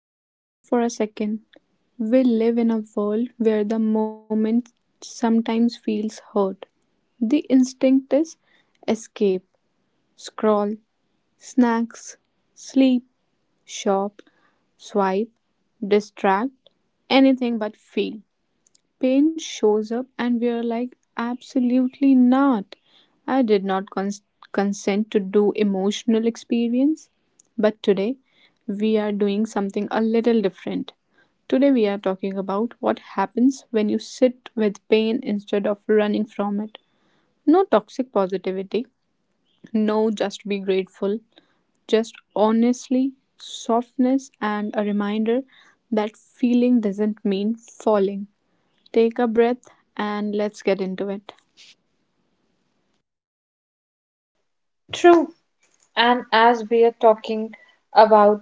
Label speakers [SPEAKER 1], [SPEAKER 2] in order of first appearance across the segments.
[SPEAKER 1] real talk for a second. We live in a world where the moment sometimes feels hurt. The instinct is escape, scroll, snacks, sleep, shop, swipe, distract, anything but feel. Pain shows up and we're like, absolutely not. I did not consent to do emotional experience. But today, we are doing something a little different. Today, we are talking about what happens when you sit with pain instead of running from it. No toxic positivity, no just be grateful, just honestly, softness, and a reminder that feeling doesn't mean falling. Take a breath and let's get into it.
[SPEAKER 2] True. And as we are talking about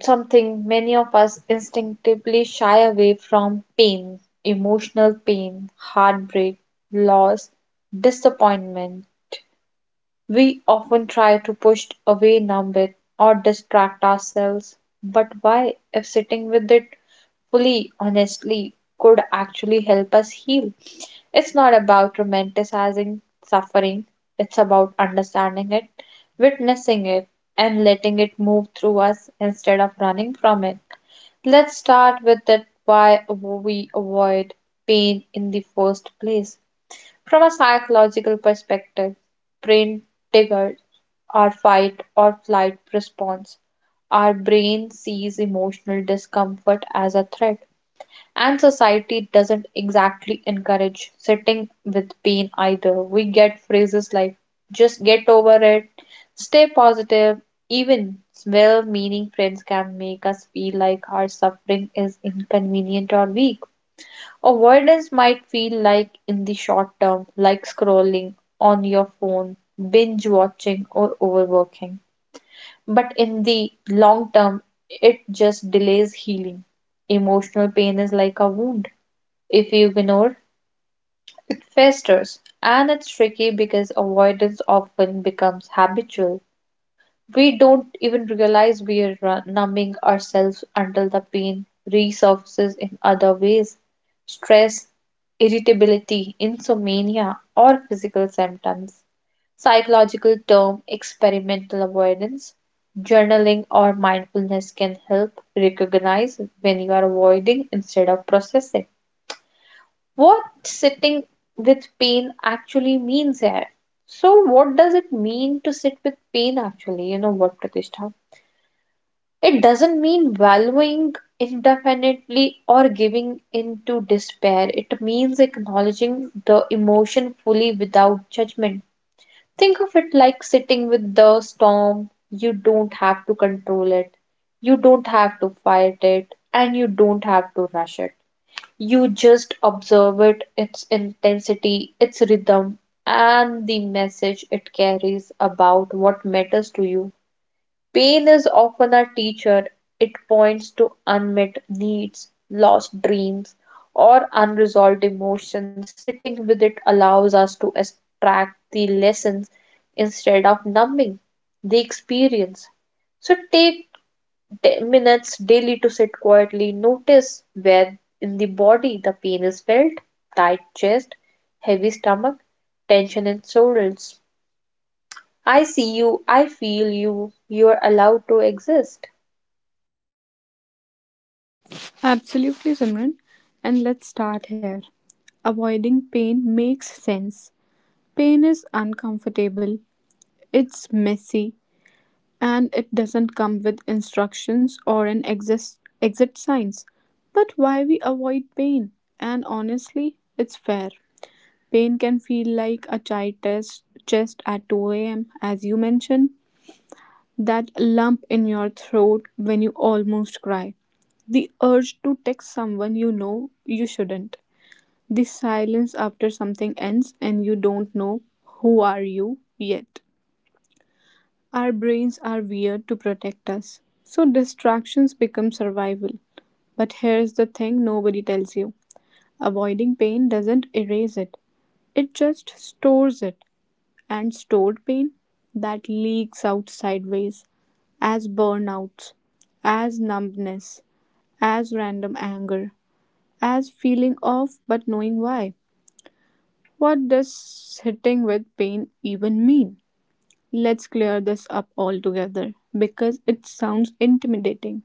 [SPEAKER 2] something many of us instinctively shy away from pain, emotional pain, heartbreak, loss, disappointment. We often try to push away, numb it, or distract ourselves. But why, if sitting with it fully, honestly, could actually help us heal? It's not about romanticizing suffering, it's about understanding it, witnessing it, and letting it move through us instead of running from it. Let's start with that why we avoid pain in the first place. From a psychological perspective, brain triggers our fight or flight response. Our brain sees emotional discomfort as a threat, and society doesn't exactly encourage sitting with pain either. We get phrases like just get over it, stay positive. Even well meaning friends can make us feel like our suffering is inconvenient or weak. Avoidance might feel like, in the short term, like scrolling on your phone, binge watching, or overworking. But in the long term, it just delays healing. Emotional pain is like a wound. If you ignore, it festers. And it's tricky because avoidance often becomes habitual. We don't even realize we're numbing ourselves until the pain resurfaces in other ways stress, irritability, insomnia, or physical symptoms. Psychological term experimental avoidance. Journaling or mindfulness can help recognize when you are avoiding instead of processing. What sitting with pain actually means here. So, what does it mean to sit with pain actually? You know what, Pratishtha? It doesn't mean valuing indefinitely or giving in to despair. It means acknowledging the emotion fully without judgment. Think of it like sitting with the storm. You don't have to control it, you don't have to fight it, and you don't have to rush it. You just observe it, its intensity, its rhythm, and the message it carries about what matters to you. Pain is often a teacher. It points to unmet needs, lost dreams, or unresolved emotions. Sitting with it allows us to extract the lessons instead of numbing the experience. So take 10 minutes daily to sit quietly. Notice where in the body the pain is felt tight chest, heavy stomach, tension in shoulders. I see you, I feel you, you are allowed to exist.
[SPEAKER 1] Absolutely, Simran. And let's start here. Avoiding pain makes sense. Pain is uncomfortable, it's messy, and it doesn't come with instructions or an exit signs. But why we avoid pain? And honestly, it's fair. Pain can feel like a child test chest at 2 a.m., as you mentioned. That lump in your throat when you almost cry. The urge to text someone you know you shouldn't. The silence after something ends and you don't know who are you yet. Our brains are weird to protect us. So distractions become survival. But here's the thing nobody tells you. Avoiding pain doesn't erase it. It just stores it, and stored pain that leaks out sideways as burnouts, as numbness, as random anger, as feeling off but knowing why. What does sitting with pain even mean? Let's clear this up altogether because it sounds intimidating.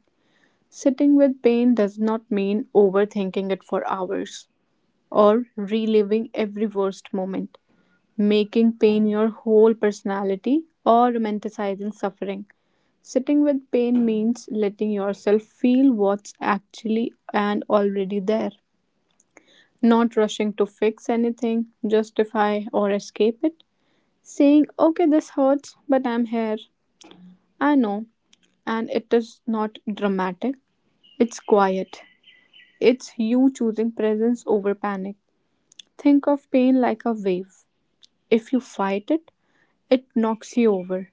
[SPEAKER 1] Sitting with pain does not mean overthinking it for hours or reliving every worst moment, making pain your whole personality, or romanticizing suffering. Sitting with pain means letting yourself feel what's actually and already there, not rushing to fix anything, justify, or escape it. Saying, okay, this hurts, but I'm here. I know. And it is not dramatic, it's quiet. It's you choosing presence over panic. Think of pain like a wave. If you fight it, it knocks you over.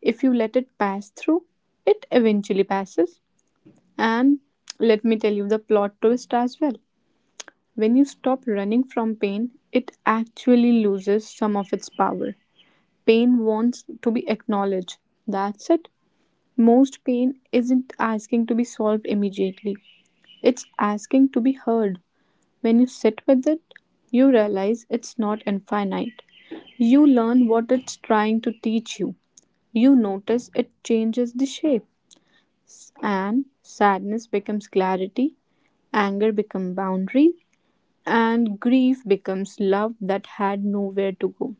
[SPEAKER 1] If you let it pass through, it eventually passes. And let me tell you the plot twist as well. When you stop running from pain, it actually loses some of its power. Pain wants to be acknowledged. That's it. Most pain isn't asking to be solved immediately, it's asking to be heard. When you sit with it, you realize it's not infinite. You learn what it's trying to teach you. You notice it changes the shape, and sadness becomes clarity, anger becomes boundary, and grief becomes love that had nowhere to go.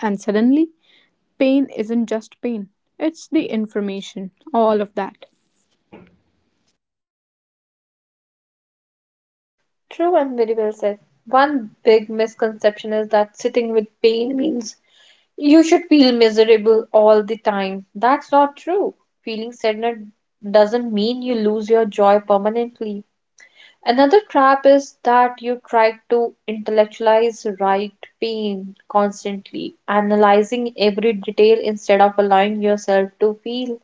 [SPEAKER 1] And suddenly, pain isn't just pain, it's the information, all of that.
[SPEAKER 2] True and very well said. One big misconception is that sitting with pain means you should feel miserable all the time. That's not true. Feeling sadness doesn't mean you lose your joy permanently. Another trap is that you try to intellectualize right pain constantly, analyzing every detail instead of allowing yourself to feel.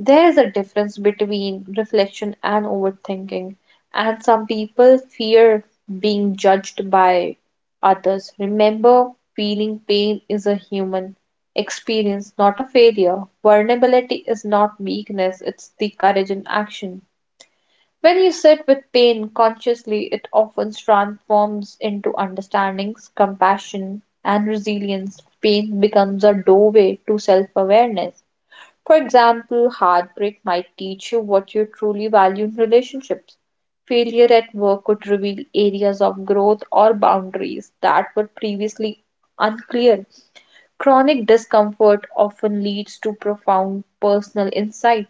[SPEAKER 2] There's a difference between reflection and overthinking, and some people fear being judged by others. Remember, feeling pain is a human experience, not a failure. Vulnerability is not weakness, it's the courage in action. When you sit with pain consciously, it often transforms into understandings, compassion, and resilience. Pain becomes a doorway to self awareness. For example, heartbreak might teach you what you truly value in relationships. Failure at work could reveal areas of growth or boundaries that were previously unclear. Chronic discomfort often leads to profound personal insight.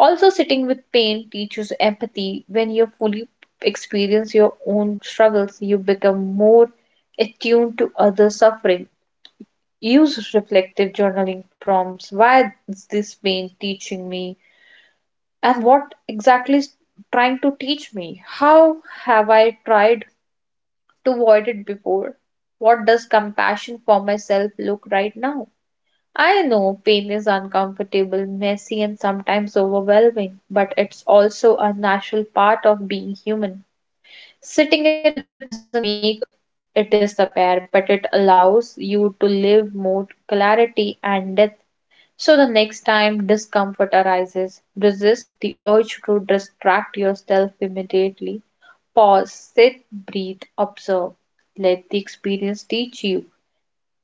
[SPEAKER 2] Also, sitting with pain teaches empathy. When you fully experience your own struggles, you become more attuned to others' suffering. Use reflective journaling prompts. Why is this pain teaching me? And what exactly is trying to teach me? How have I tried to avoid it before? What does compassion for myself look right now? I know pain is uncomfortable, messy, and sometimes overwhelming, but it's also a natural part of being human. Sitting it with doesn't make it disappear, but it allows you to live more clarity and depth. So the next time discomfort arises, resist the urge to distract yourself immediately. Pause, sit, breathe, observe. Let the experience teach you.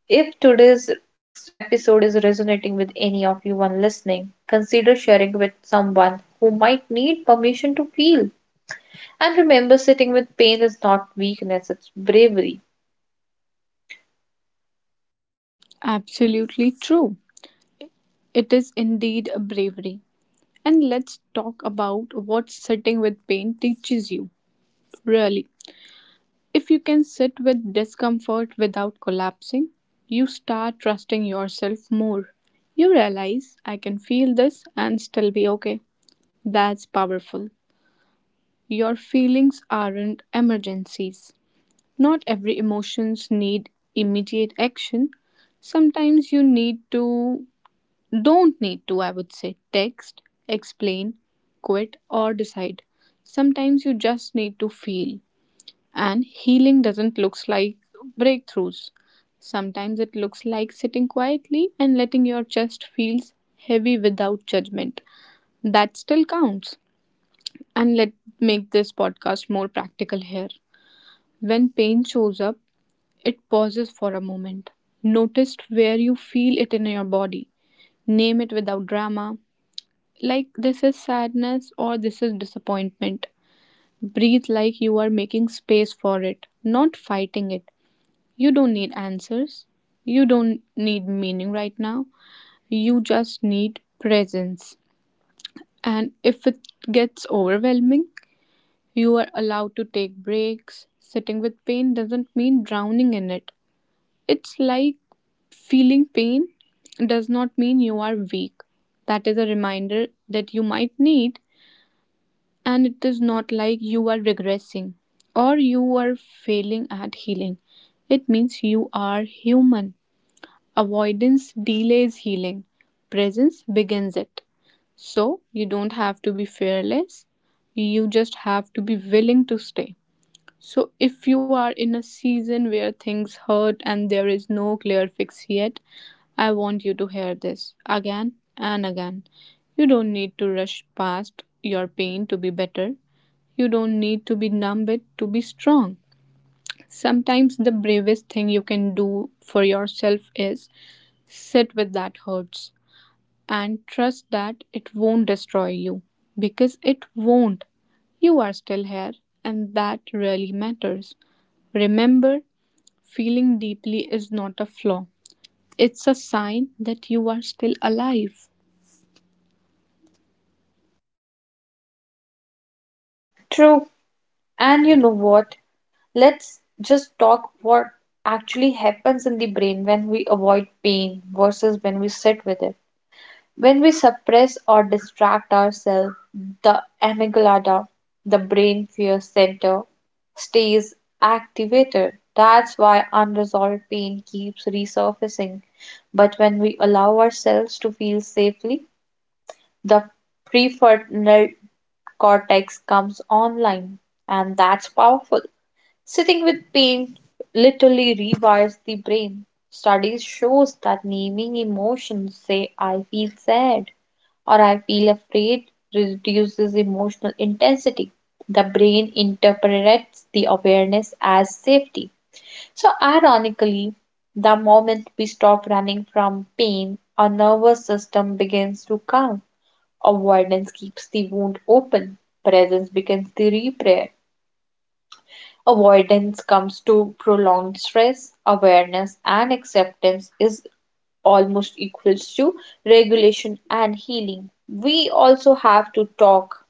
[SPEAKER 2] If today's episode is resonating with any of you one listening, consider sharing with someone who might need permission to feel. And remember, sitting with pain is not weakness, it's bravery.
[SPEAKER 1] Absolutely true. It is indeed a bravery. And let's talk about what sitting with pain teaches you, really. If you can sit with discomfort without collapsing, you start trusting yourself more. You realize, I can feel this and still be okay. That's powerful. Your feelings aren't emergencies. Not every emotions need immediate action. Sometimes you need to, don't need to, I would say, text, explain, quit or decide. Sometimes you just need to feel. And healing doesn't looks like breakthroughs. Sometimes it looks like sitting quietly and letting your chest feels heavy without judgment. That still counts. And let make this podcast more practical here. When pain shows up, it pauses for a moment. Notice where you feel it in your body. Name it without drama. Like, this is sadness or this is disappointment. Breathe like you are making space for it, not fighting it. You don't need answers. You don't need meaning right now. You just need presence. And if it gets overwhelming, you are allowed to take breaks. Sitting with pain doesn't mean drowning in it. It's like feeling pain does not mean you are weak. That is a reminder that you might need, and it is not like you are regressing or you are failing at healing. It means you are human. Avoidance delays healing, presence begins it. So, you don't have to be fearless, you just have to be willing to stay. So, if you are in a season where things hurt and there is no clear fix yet, I want you to hear this again and again. You don't need to rush past your pain to be better. You don't need to be numb it to be strong. Sometimes the bravest thing you can do for yourself is sit with that hurts and trust that it won't destroy you, because it won't. You are still here, and that really matters. Remember, feeling deeply is not a flaw, it's a sign that you are still alive.
[SPEAKER 2] True. And you know what? Let's just talk what actually happens in the brain when we avoid pain versus when we sit with it. When we suppress or distract ourselves, the amygdala, the brain fear center, stays activated. That's why unresolved pain keeps resurfacing. But when we allow ourselves to feel safely, the prefrontal cortex comes online, and that's powerful. Sitting with paint literally rewires the brain. Studies shows that naming emotions, say I feel sad or I feel afraid, reduces emotional intensity. The brain interprets the awareness as safety. So ironically, the moment we stop running from pain, our nervous system begins to calm. Avoidance keeps the wound open. Presence becomes the repair. Avoidance comes to prolonged stress. Awareness and acceptance is almost equals to regulation and healing. We also have to talk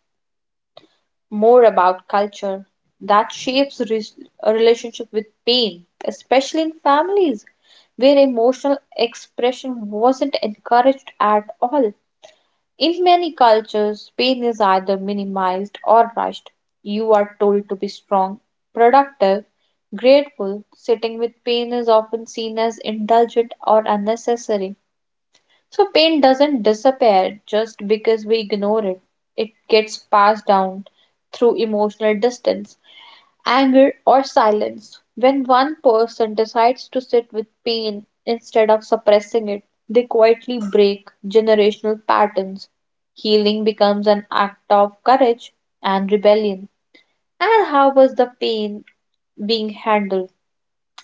[SPEAKER 2] more about culture that shapes a relationship with pain, especially in families where emotional expression wasn't encouraged at all. In many cultures, pain is either minimized or rushed. You are told to be strong, productive, grateful. Sitting with pain is often seen as indulgent or unnecessary. So, pain doesn't disappear just because we ignore it, it gets passed down through emotional distance anger, or silence. When one person decides to sit with pain instead of suppressing it, they quietly break generational patterns. Healing becomes an act of courage and rebellion. And how was the pain being handled?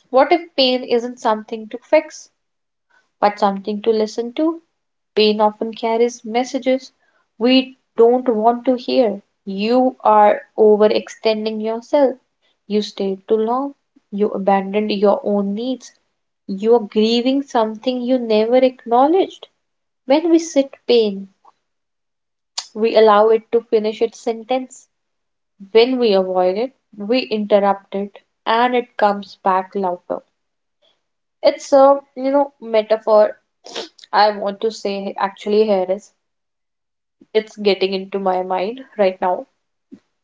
[SPEAKER 2] What if pain isn't something to fix, but something to listen to? Pain often carries messages we don't want to hear. You are overextending yourself. You stayed too long. You abandoned your own needs. You are grieving something you never acknowledged. When we sit pain, we allow it to finish its sentence. When we avoid it, we interrupt it and it comes back louder. It's a, you know, metaphor I want to say actually here is it's getting into my mind right now.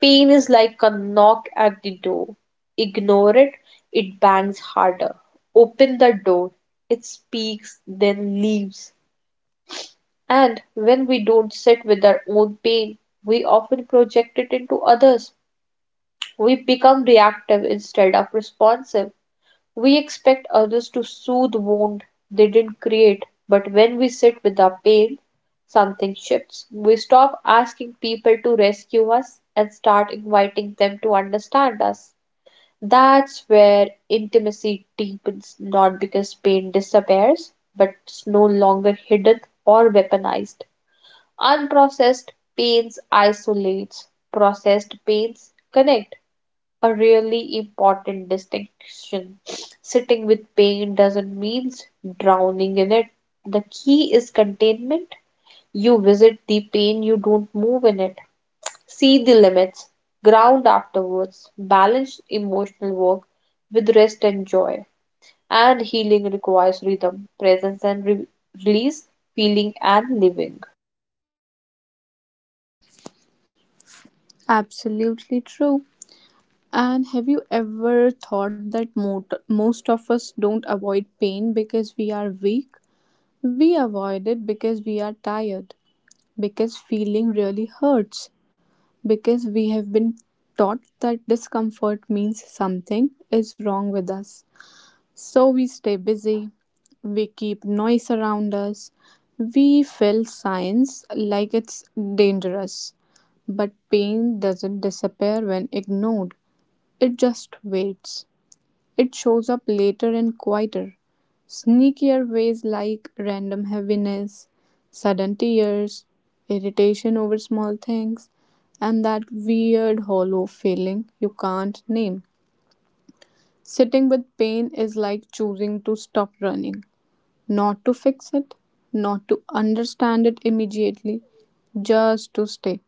[SPEAKER 2] Pain is like a knock at the door. Ignore it, it bangs harder. Open the door, it speaks, then leaves. And when we don't sit with our own pain, we often project it into others. We become reactive instead of responsive. We expect others to soothe wound they didn't create, but when we sit with our pain, something shifts. We stop asking people to rescue us and start inviting them to understand us. That's where intimacy deepens, not because pain disappears, but it's no longer hidden or weaponized. Unprocessed pains isolates, processed pains connect a really important distinction. Sitting with pain doesn't mean drowning in it. The key is containment. You visit the pain, you don't move in it. See the limits, ground afterwards, balance emotional work with rest and joy. And healing requires rhythm, presence and release, feeling and living.
[SPEAKER 1] Absolutely true. And have you ever thought that most of us don't avoid pain because we are weak? We avoid it because we are tired, because feeling really hurts, because we have been taught that discomfort means something is wrong with us. So we stay busy, we keep noise around us, we fill science like it's dangerous. But pain doesn't disappear when ignored, it just waits. It shows up later in quieter, sneakier ways like random heaviness, sudden tears, irritation over small things, and that weird hollow feeling you can't name. Sitting with pain is like choosing to stop running, not to fix it, not to understand it immediately, just to stay.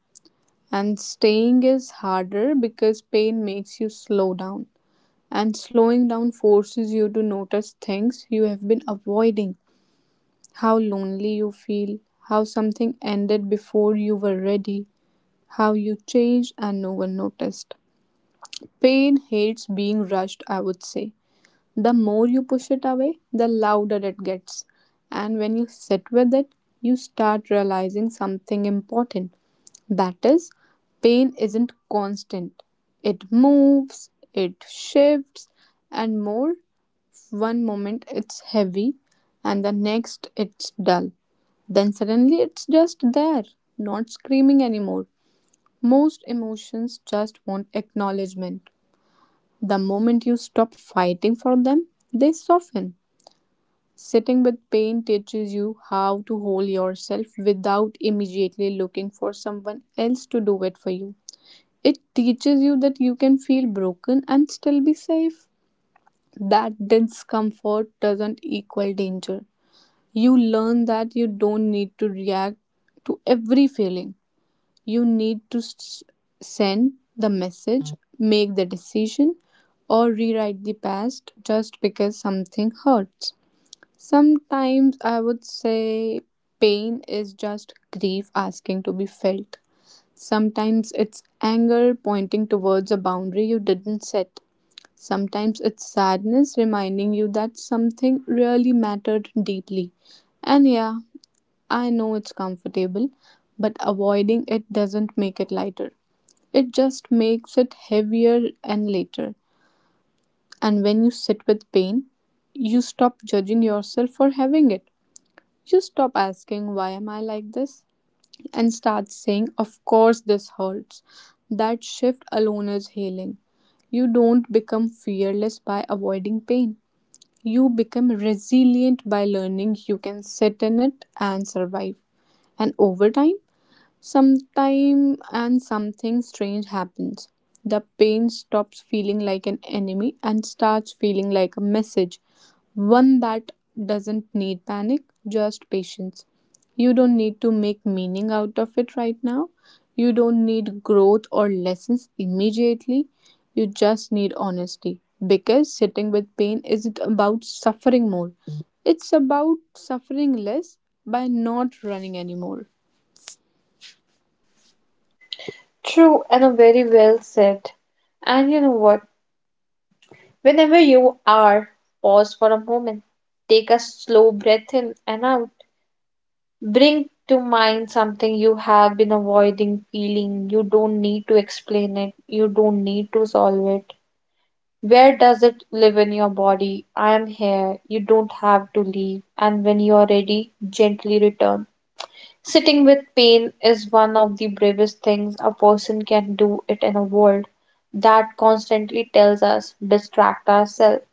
[SPEAKER 1] And staying is harder because pain makes you slow down. And slowing down forces you to notice things you have been avoiding, how lonely you feel, how something ended before you were ready, how you changed and no one noticed. Pain hates being rushed, I would say. The more you push it away, the louder it gets. And when you sit with it, you start realizing something important. That is, pain isn't constant, it moves, it shifts, and more one moment it's heavy, and the next it's dull. Then suddenly it's just there, not screaming anymore. Most emotions just want acknowledgement. The moment you stop fighting for them, they soften. Sitting with pain teaches you how to hold yourself without immediately looking for someone else to do it for you. It teaches you that you can feel broken and still be safe. That discomfort doesn't equal danger. You learn that you don't need to react to every feeling. You need to send the message, make the decision, or rewrite the past just because something hurts. Sometimes I would say pain is just grief asking to be felt. Sometimes it's anger pointing towards a boundary you didn't set. Sometimes it's sadness reminding you that something really mattered deeply. And yeah, I know it's comfortable, but avoiding it doesn't make it lighter. It just makes it heavier and later. And when you sit with pain, you stop judging yourself for having it. You stop asking, why am I like this? And start saying, of course, this hurts. That shift alone is healing. You don't become fearless by avoiding pain. You become resilient by learning you can sit in it and survive. And over time, sometime and something strange happens. The pain stops feeling like an enemy and starts feeling like a message, one that doesn't need panic, just patience. You don't need to make meaning out of it right now. You don't need growth or lessons immediately. You just need honesty. Because sitting with pain isn't about suffering more, it's about suffering less by not running anymore.
[SPEAKER 2] True and a very well said. And you know what? Whenever you are, pause for a moment. Take a slow breath in and out. Bring to mind something you have been avoiding feeling. You don't need to explain it, you don't need to solve it. Where does it live in your body? I am here. You don't have to leave. And when you are ready, gently return. Sitting with pain is one of the bravest things a person can do it in a world that constantly tells us distract ourselves.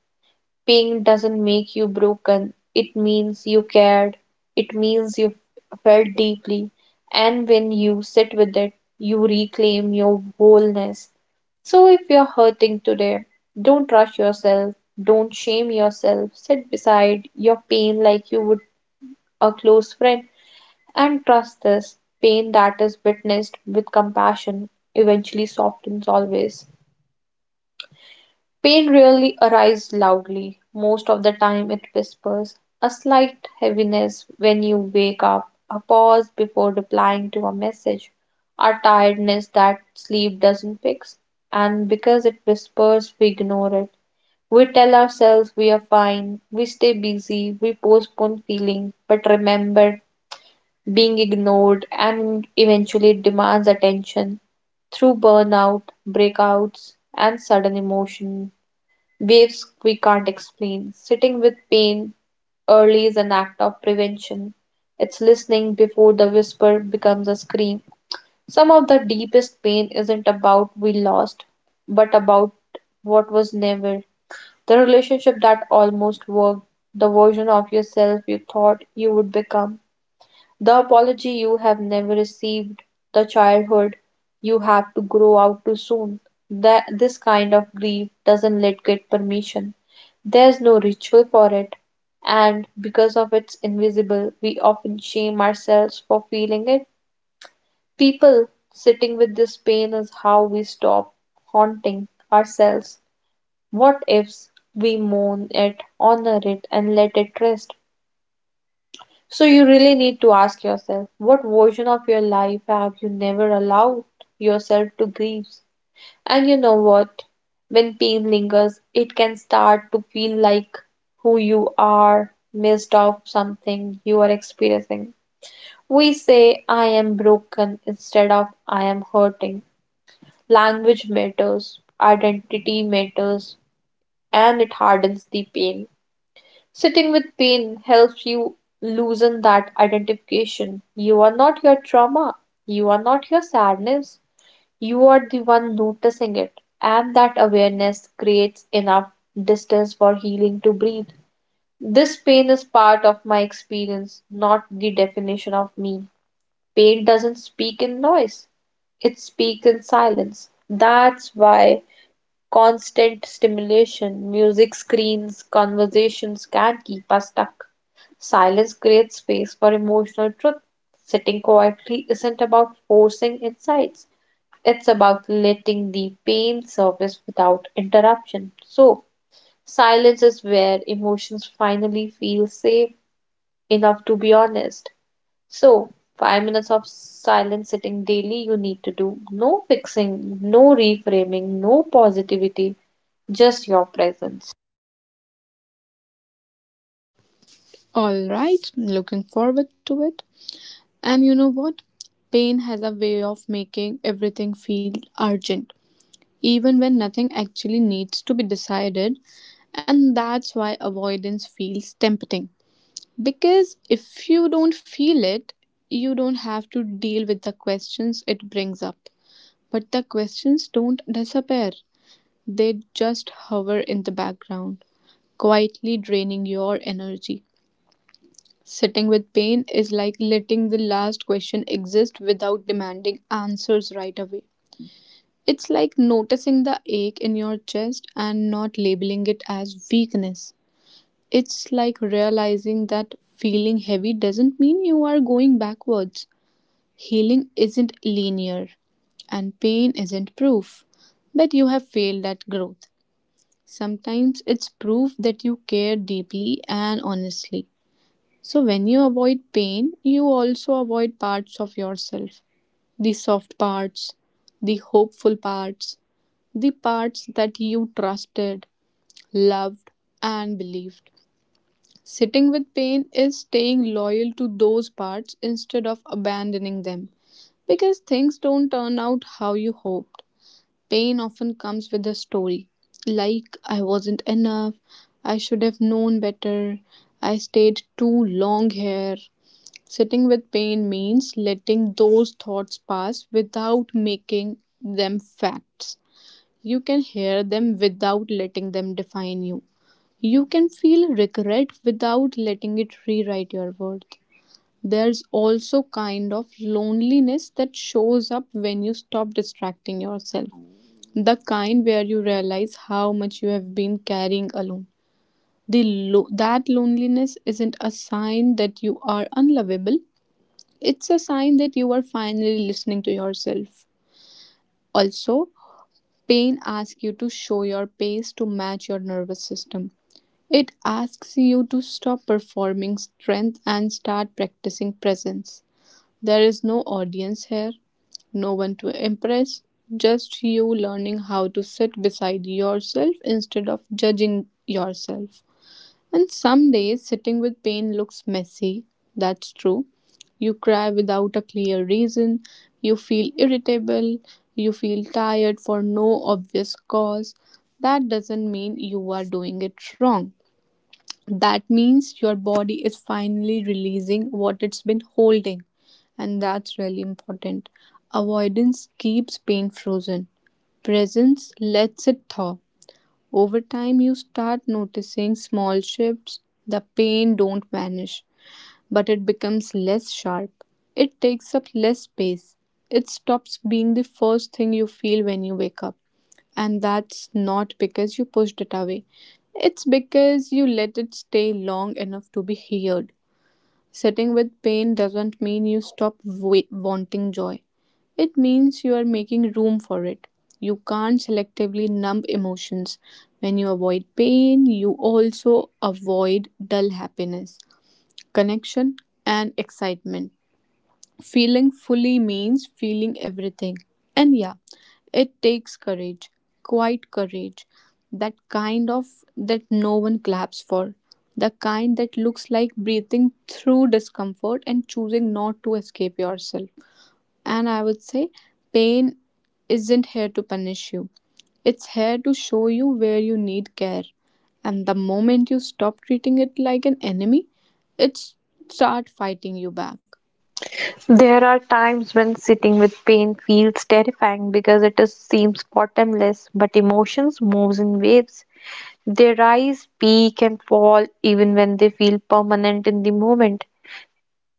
[SPEAKER 2] Pain doesn't make you broken. It means you cared. It means you felt deeply. And when you sit with it, you reclaim your wholeness. So if you're hurting today, don't rush yourself. Don't shame yourself. Sit beside your pain like you would a close friend and trust this pain that is witnessed with compassion eventually softens always. Pain rarely arrives loudly, most of the time it whispers. A slight heaviness when you wake up, a pause before replying to a message, a tiredness that sleep doesn't fix. And because it whispers, we ignore it. We tell ourselves we are fine, we stay busy, we postpone feeling, but remember, being ignored and eventually demands attention through burnout, breakouts, and sudden emotion waves we can't explain. Sitting with pain early is an act of prevention. It's listening before the whisper becomes a scream. Some of the deepest pain isn't about we lost, but about what was never. The relationship that almost worked, the version of yourself you thought you would become, the apology you have never received, the childhood you have to grow out too soon. That this kind of grief doesn't let get permission. There's no ritual for it, and because of it's invisible, we often shame ourselves for feeling it. People sitting with this pain is how we stop haunting ourselves. What ifs we mourn it, honor it, and let it rest? So, you really need to ask yourself what version of your life have you never allowed yourself to grieve? And you know what? When pain lingers, it can start to feel like who you are missed of something you are experiencing. We say, I am broken instead of I am hurting. Language matters, identity matters, and it hardens the pain. Sitting with pain helps you loosen that identification. You are not your trauma, you are not your sadness, you are the one noticing it, and that awareness creates enough distance for healing to breathe. This pain is part of my experience, not the definition of me. Pain doesn't speak in noise, it speaks in silence. That's why constant stimulation, music screens, conversations can keep us stuck. Silence creates space for emotional truth. Sitting quietly isn't about forcing insights, it's about letting the pain surface without interruption. So, silence is where emotions finally feel safe enough to be honest. So, 5 minutes of silent sitting daily you need to do. No fixing, no reframing, no positivity, just your presence.
[SPEAKER 1] All right, looking forward to it. And you know what? Pain has a way of making everything feel urgent, even when nothing actually needs to be decided. And that's why avoidance feels tempting. Because if you don't feel it, you don't have to deal with the questions it brings up. But the questions don't disappear, they just hover in the background, quietly draining your energy. Sitting with pain is like letting the last question exist without demanding answers right away. It's like noticing the ache in your chest and not labeling it as weakness. It's like realizing that feeling heavy doesn't mean you are going backwards. Healing isn't linear, and pain isn't proof that you have failed at growth. Sometimes it's proof that you care deeply and honestly. So, when you avoid pain, you also avoid parts of yourself, the soft parts, the hopeful parts, the parts that you trusted, loved, and believed. Sitting with pain is staying loyal to those parts instead of abandoning them because things don't turn out how you hoped. Pain often comes with a story like, I wasn't enough, I should have known better, I stayed too long here. Sitting with pain means letting those thoughts pass without making them facts. You can hear them without letting them define you. You can feel regret without letting it rewrite your worth. There's also kind of loneliness that shows up when you stop distracting yourself. The kind where you realize how much you have been carrying alone. The that loneliness isn't a sign that you are unlovable. It's a sign that you are finally listening to yourself. Also, pain asks you to show your pace to match your nervous system. It asks you to stop performing strength and start practicing presence. There is no audience here, no one to impress, just you learning how to sit beside yourself instead of judging yourself. And some days sitting with pain looks messy. That's true. You cry without a clear reason. You feel irritable. You feel tired for no obvious cause. That doesn't mean you are doing it wrong. That means your body is finally releasing what it's been holding. And that's really important. Avoidance keeps pain frozen, presence lets it thaw. Over time, you start noticing small shifts. The pain don't vanish, but it becomes less sharp. It takes up less space. It stops being the first thing you feel when you wake up. And that's not because you pushed it away. It's because you let it stay long enough to be heard. Sitting with pain doesn't mean you stop wanting joy. It means you are making room for it. You can't selectively numb emotions. When you avoid pain, you also avoid dull happiness, connection, and excitement. Feeling fully means feeling everything. And yeah, it takes courage, quite courage. That kind of that no one claps for. The kind that looks like breathing through discomfort and choosing not to escape yourself. And I would say pain isn't here to punish you. It's here to show you where you need care. And the moment you stop treating it like an enemy, it start fighting you back.
[SPEAKER 2] There are times when sitting with pain feels terrifying because it is, seems bottomless, but emotions moves in waves. They rise, peak, and fall even when they feel permanent in the moment.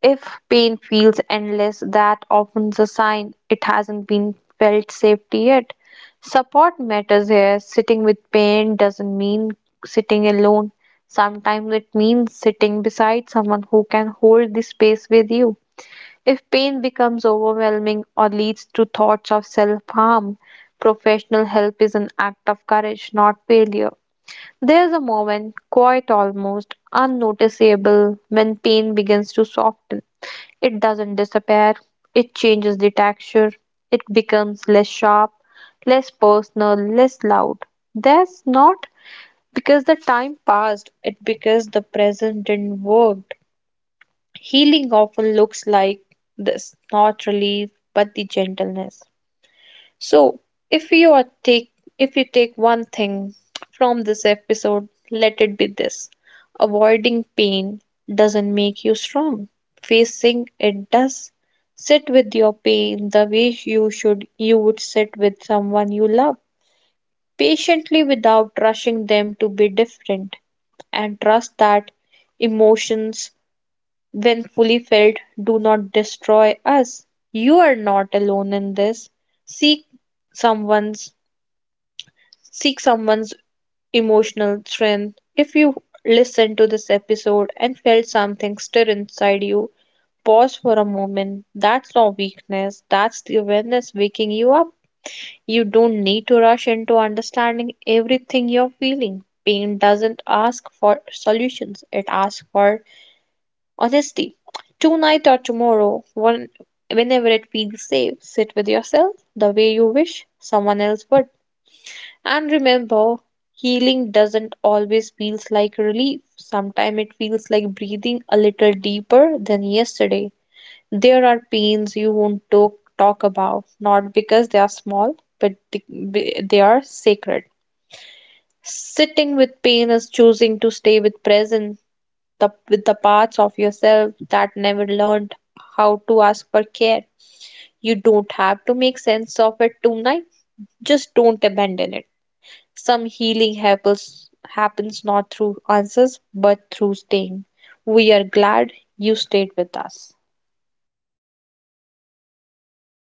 [SPEAKER 2] If pain feels endless, that often's a sign it hasn't been felt safety yet. Support matters here. Sitting with pain doesn't mean sitting alone. Sometimes it means sitting beside someone who can hold the space with you. If pain becomes overwhelming or leads to thoughts of self harm, professional help is an act of courage, not failure. There's a moment, quite almost unnoticeable, when pain begins to soften. It doesn't disappear, it changes the texture, it becomes less sharp, less personal, less loud. That's not because the time passed, it because the present didn't work. Healing often looks like this not relief, but the gentleness. So, if you are take if you take one thing from this episode, let it be this. Avoiding pain doesn't make you strong. Facing it does. Sit with your pain the way you would sit with someone you love, patiently without rushing them to be different and trust that emotions when fully filled, do not destroy us. You are not alone in this. Seek someone's seek someone's emotional strength. If you listened to this episode and felt something stir inside you, pause for a moment. That's not weakness, that's the awareness waking you up. You don't need to rush into understanding everything you're feeling. Pain doesn't ask for solutions, it asks for honesty. Tonight or tomorrow, one, whenever it feels safe, sit with yourself the way you wish someone else would. And remember, healing doesn't always feels like relief. Sometimes it feels like breathing a little deeper than yesterday. There are pains you won't talk about, not because they are small, but they are sacred. Sitting with pain is choosing to stay with present the with the parts of yourself that never learned how to ask for care. You don't have to make sense of it tonight. Just don't abandon it. Some healing happens happens not through answers but through staying. We are glad you stayed with us.